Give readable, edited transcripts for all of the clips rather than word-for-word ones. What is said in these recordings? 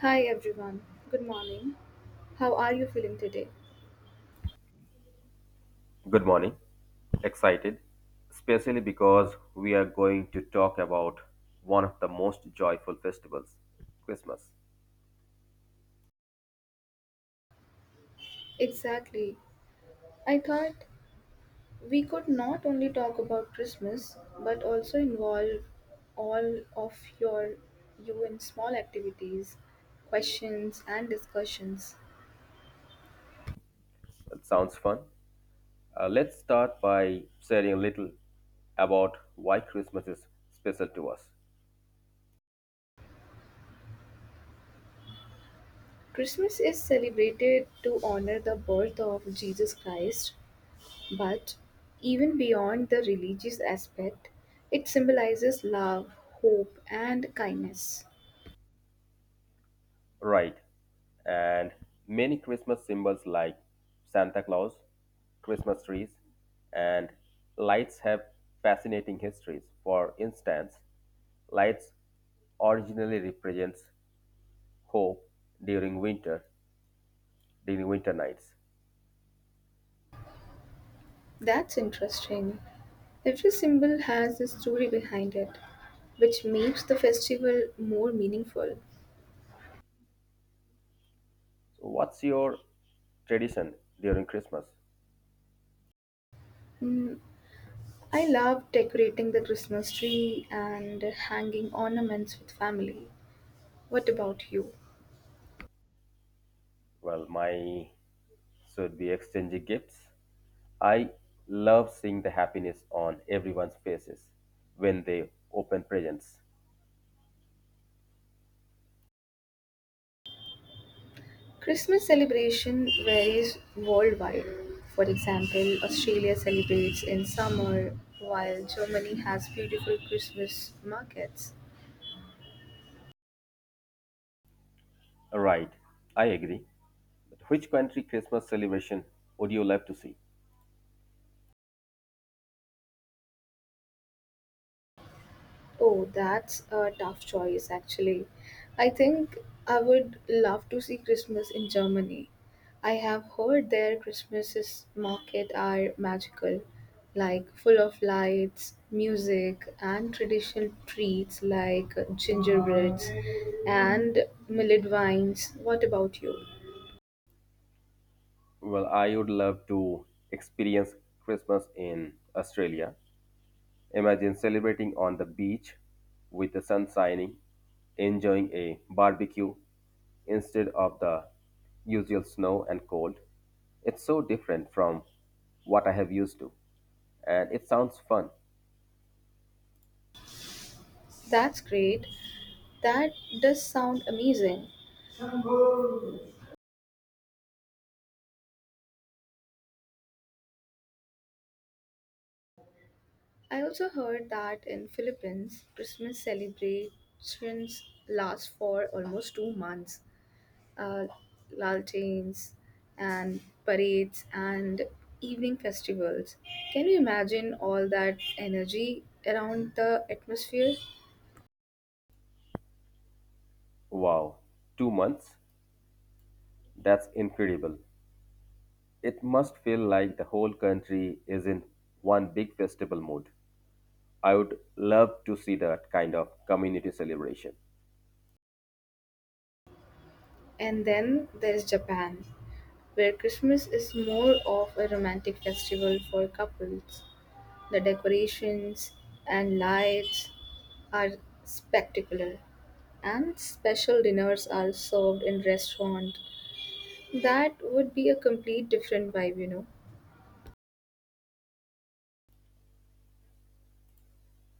Hi everyone, good morning. How are you feeling today? Good morning. Excited, especially because we are going to talk about one of the most joyful festivals, Christmas. Exactly. I thought we could not only talk about Christmas but also involve all of you in small activities, questions and discussions. It sounds fun. Let's start by sharing a little about why Christmas is special to us. Christmas is celebrated to honor the birth of Jesus Christ, but even beyond the religious aspect, it symbolizes love, hope and kindness. Right. And many Christmas symbols like Santa Claus, Christmas trees, and lights have fascinating histories. For instance, lights originally represents hoe during winter during winter nights. That's interesting. Every symbol has a story behind it, which makes the festival more meaningful. So what's your tradition during Christmas? Mm, I love decorating the Christmas tree and hanging ornaments with family. What about you? Well, my should be exchanging gifts. I love seeing the happiness on everyone's faces when they open presents. Christmas celebration varies worldwide. For example, Australia celebrates in summer, while Germany has beautiful Christmas markets. Right, I agree. But which country Christmas celebration would you love to see? Oh, that's a tough choice, actually. I think I would love to see Christmas in Germany. I have heard their Christmases market are magical, like full of lights, music, and traditional treats like gingerbreads and millet wines. What about you? Well, I would love to experience Christmas in Australia. Imagine celebrating on the beach with the sun shining, enjoying a barbecue instead of the usual snow and cold. It's so different from what I have used to. And it sounds fun. That's great. That does sound amazing. I also heard that in Philippines, Christmas celebrations last for almost 2 months. Uh, Lanterns and parades and evening festivals. Can you imagine all that energy around the atmosphere? Wow, 2 months? That's incredible. It must feel like the whole country is in one big festival mood. I would love to see that kind of community celebration. And then there's Japan, where Christmas is more of a romantic festival for couples. The decorations and lights are spectacular, and special dinners are served in restaurants. That would be a complete different vibe.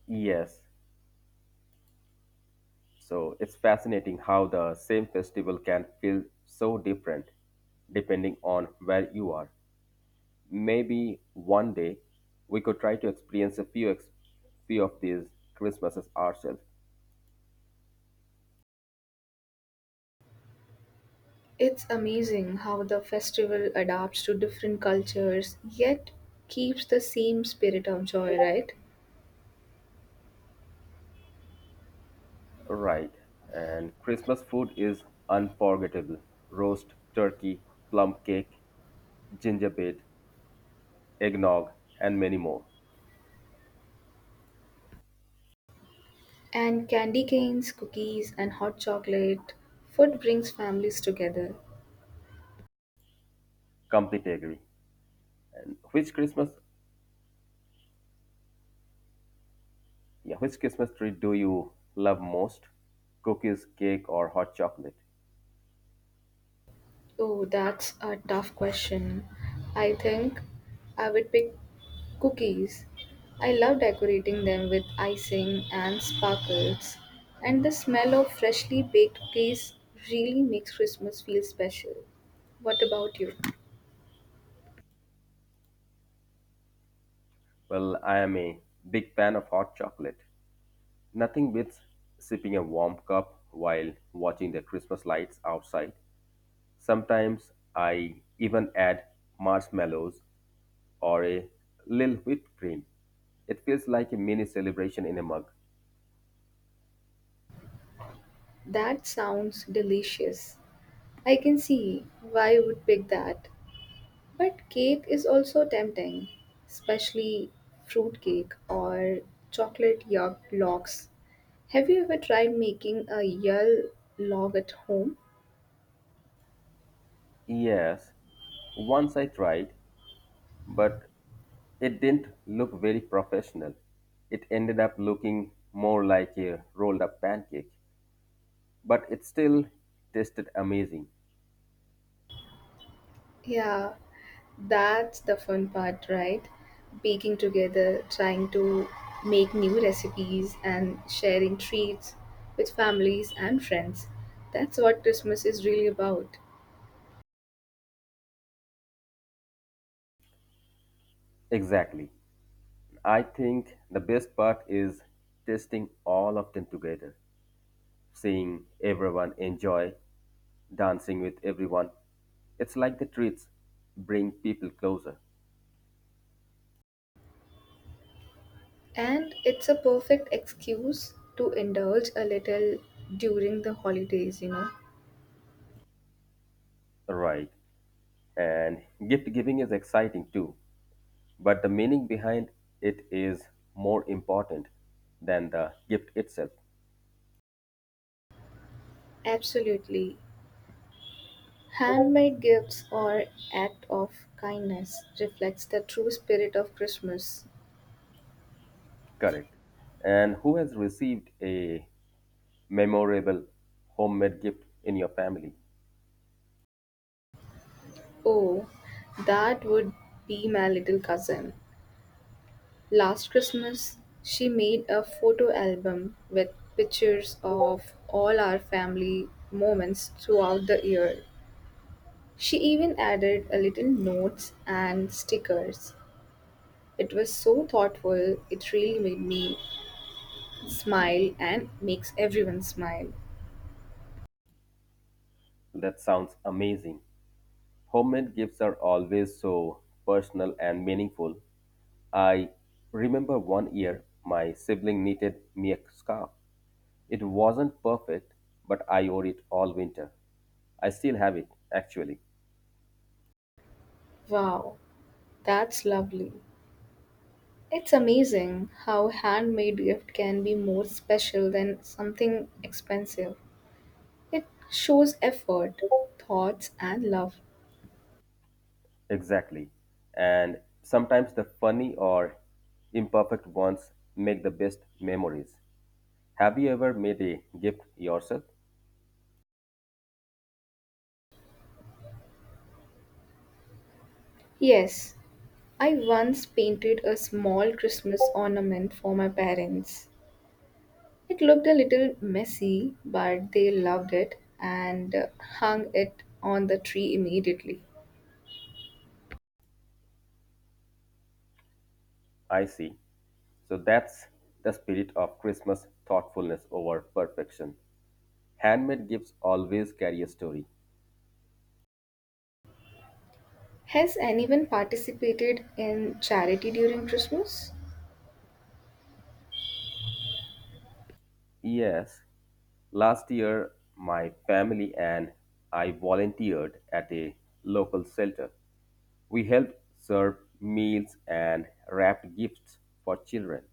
Yes, so it's fascinating how the same festival can feel so different depending on where you are. Maybe one day we could try to experience few of these Christmases ourselves. It's amazing how the festival adapts to different cultures yet keeps the same spirit of joy, right? Right. And Christmas food is unforgettable. Roast turkey, plum cake, gingerbread, eggnog, and many more. And candy canes, cookies, and hot chocolate. Food brings families together. Completely agree. And which Christmas tree do you love most? Cookies, cake, or hot chocolate? Oh, that's a tough question. I think I would pick cookies. I love decorating them with icing and sparkles, and the smell of freshly baked cookies really makes Christmas feel special. What about you? Well, I am a big fan of hot chocolate. Nothing beats sipping a warm cup while watching the Christmas lights outside. Sometimes I even add marshmallows or a little whipped cream. It feels like a mini celebration in a mug. That sounds delicious. I can see why you would pick that. But cake is also tempting, especially fruit cake or chocolate yolk logs. Have you ever tried making a yolk log at home? Yes, once I tried, but it didn't look very professional. It ended up looking more like a rolled up pancake, but it still tasted amazing. Yeah, that's the fun part, right? Baking together, trying to make new recipes, and sharing treats with families and friends. That's what Christmas is really about. Exactly. I think the best part is testing all of them together, seeing everyone enjoy dancing with everyone. It's like the treats bring people closer. And it's a perfect excuse to indulge a little during the holidays. Right. And gift giving is exciting too, but the meaning behind it is more important than the gift itself. Absolutely. Handmade gifts or act of kindness reflects the true spirit of Christmas. Correct. And who has received a memorable homemade gift in your family? Oh, that would be my little cousin. Last Christmas, she made a photo album with pictures of all our family moments throughout the year. She even added a little notes and stickers. It was so thoughtful, it really made me smile and makes everyone smile. That sounds amazing. Homemade gifts are always so personal and meaningful. I remember one year my sibling knitted me a scarf. It wasn't perfect, but I wore it all winter. I still have it, actually. Wow, that's lovely. It's amazing how handmade gift can be more special than something expensive. It shows effort, thoughts and love. Exactly. And sometimes the funny or imperfect ones make the best memories. Have you ever made a gift yourself? Yes, I once painted a small Christmas ornament for my parents. It looked a little messy, but they loved it and hung it on the tree immediately. I see. So that's the spirit of Christmas thoughtfulness over perfection. Handmade gifts always carry a story. Has anyone participated in charity during Christmas? Yes, last year my family and I volunteered at a local shelter. We helped serve meals and wrapped gifts for children.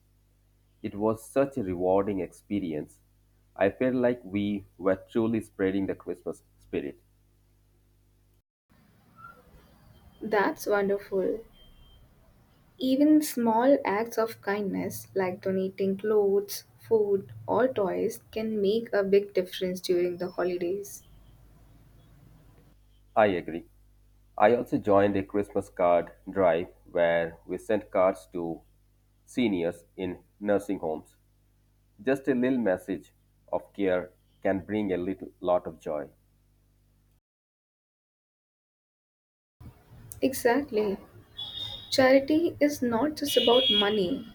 It was such a rewarding experience. I felt like we were truly spreading the Christmas spirit. That's wonderful. Even small acts of kindness like donating clothes, food, or toys can make a big difference during the holidays. I agree. I also joined a Christmas card drive where we sent cards to seniors in nursing homes. Just a little message of care can bring a little lot of joy. Exactly. Charity is not just about money,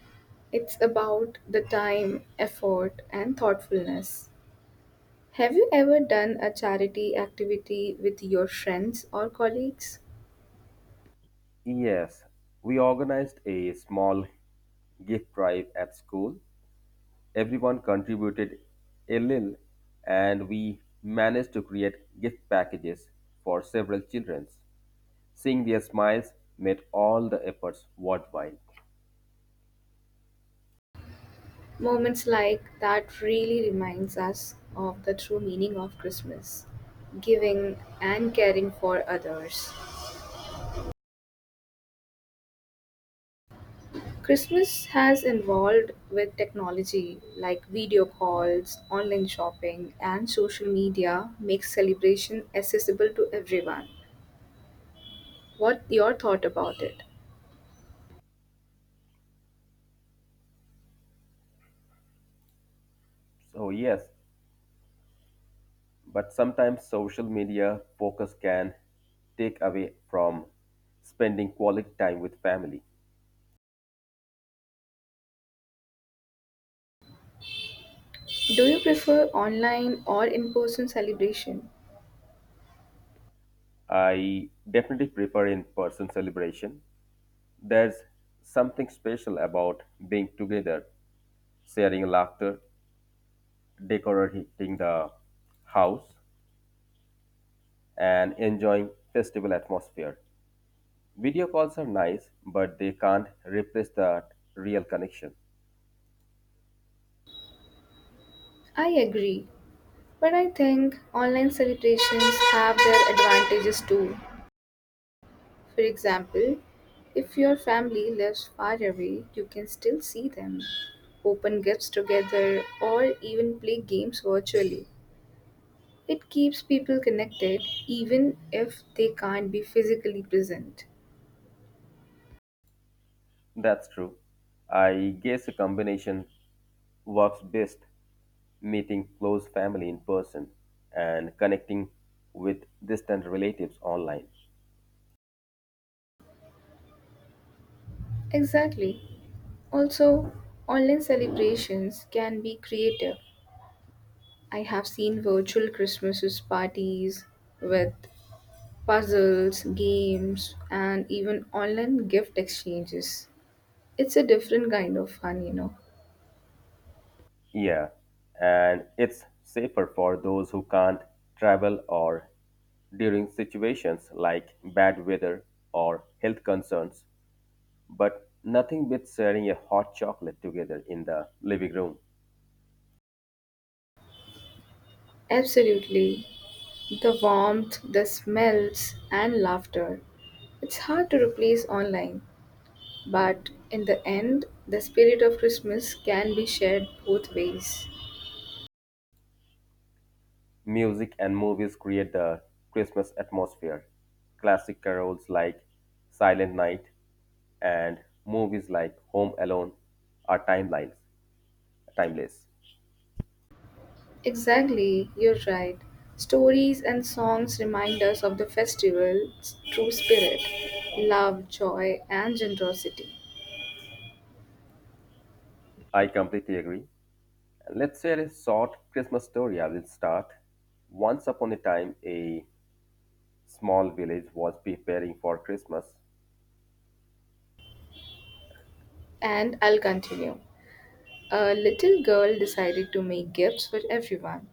it's about the time, effort, and thoughtfulness. Have you ever done a charity activity with your friends or colleagues? Yes, we organized a small gift drive at school. Everyone contributed a little and we managed to create gift packages for several children. Seeing their smiles made all the efforts worthwhile. Moments like that really reminds us of the true meaning of Christmas, giving and caring for others. Christmas has evolved with technology like video calls, online shopping, and social media makes celebration accessible to everyone. What your thought about it? So yes, but sometimes social media focus can take away from spending quality time with family. Do you prefer online or in-person celebration? I definitely prefer in person celebration. There's something special about being together, sharing laughter, decorating the house, and enjoying festival atmosphere. Video calls are nice, but they can't replace that real connection. I agree, but I think online celebrations have their advantages too. For example, if your family lives far away, you can still see them, open gifts together, or even play games virtually. It keeps people connected even if they can't be physically present. That's true. I guess a combination works best meeting close family in person and connecting with distant relatives online. Exactly. Also, online celebrations can be creative. I have seen virtual Christmas parties with puzzles, games, and even online gift exchanges. It's a different kind of fun. Yeah, and it's safer for those who can't travel or during situations like bad weather or health concerns. But nothing beats sharing a hot chocolate together in the living room. Absolutely. The warmth, the smells, and laughter. It's hard to replace online, but in the end, the spirit of Christmas can be shared both ways. Music and movies create the Christmas atmosphere. Classic carols like Silent Night and movies like Home Alone are timeless. Exactly, you're right. Stories and songs remind us of the festival's true spirit love, joy, and generosity. I completely agree. Let's share a short Christmas story. I will start. Once upon a time, a small village was preparing for Christmas. And I'll continue. A little girl decided to make gifts for everyone,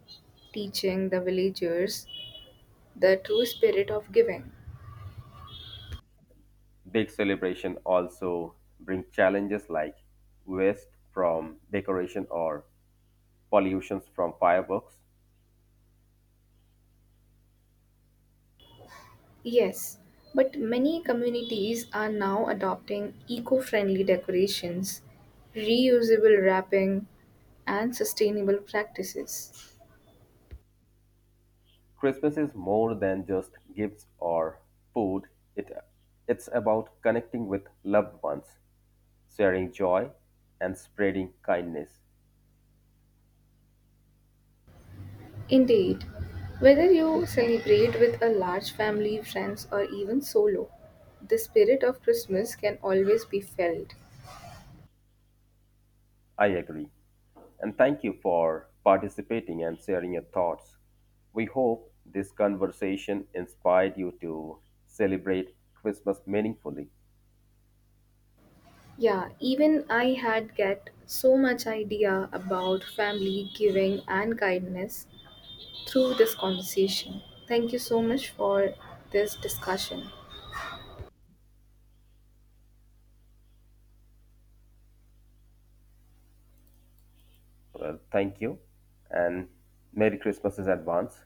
teaching the villagers the true spirit of giving. Big celebration also bring challenges like waste from decoration or pollutions from fireworks. Yes, but many communities are now adopting eco friendly decorations, reusable wrapping, and sustainable practices. Christmas is more than just gifts or food. It it's about connecting with loved ones, sharing joy and spreading kindness. Indeed, whether you celebrate with a large family, friends, or even solo, the spirit of Christmas can always be felt. I agree. And thank you for participating and sharing your thoughts. We hope this conversation inspired you to celebrate Christmas meaningfully. Yeah, even I had get so much idea about family giving and kindness through this conversation. Thank you so much for this discussion. Well, thank you and Merry Christmas in advance.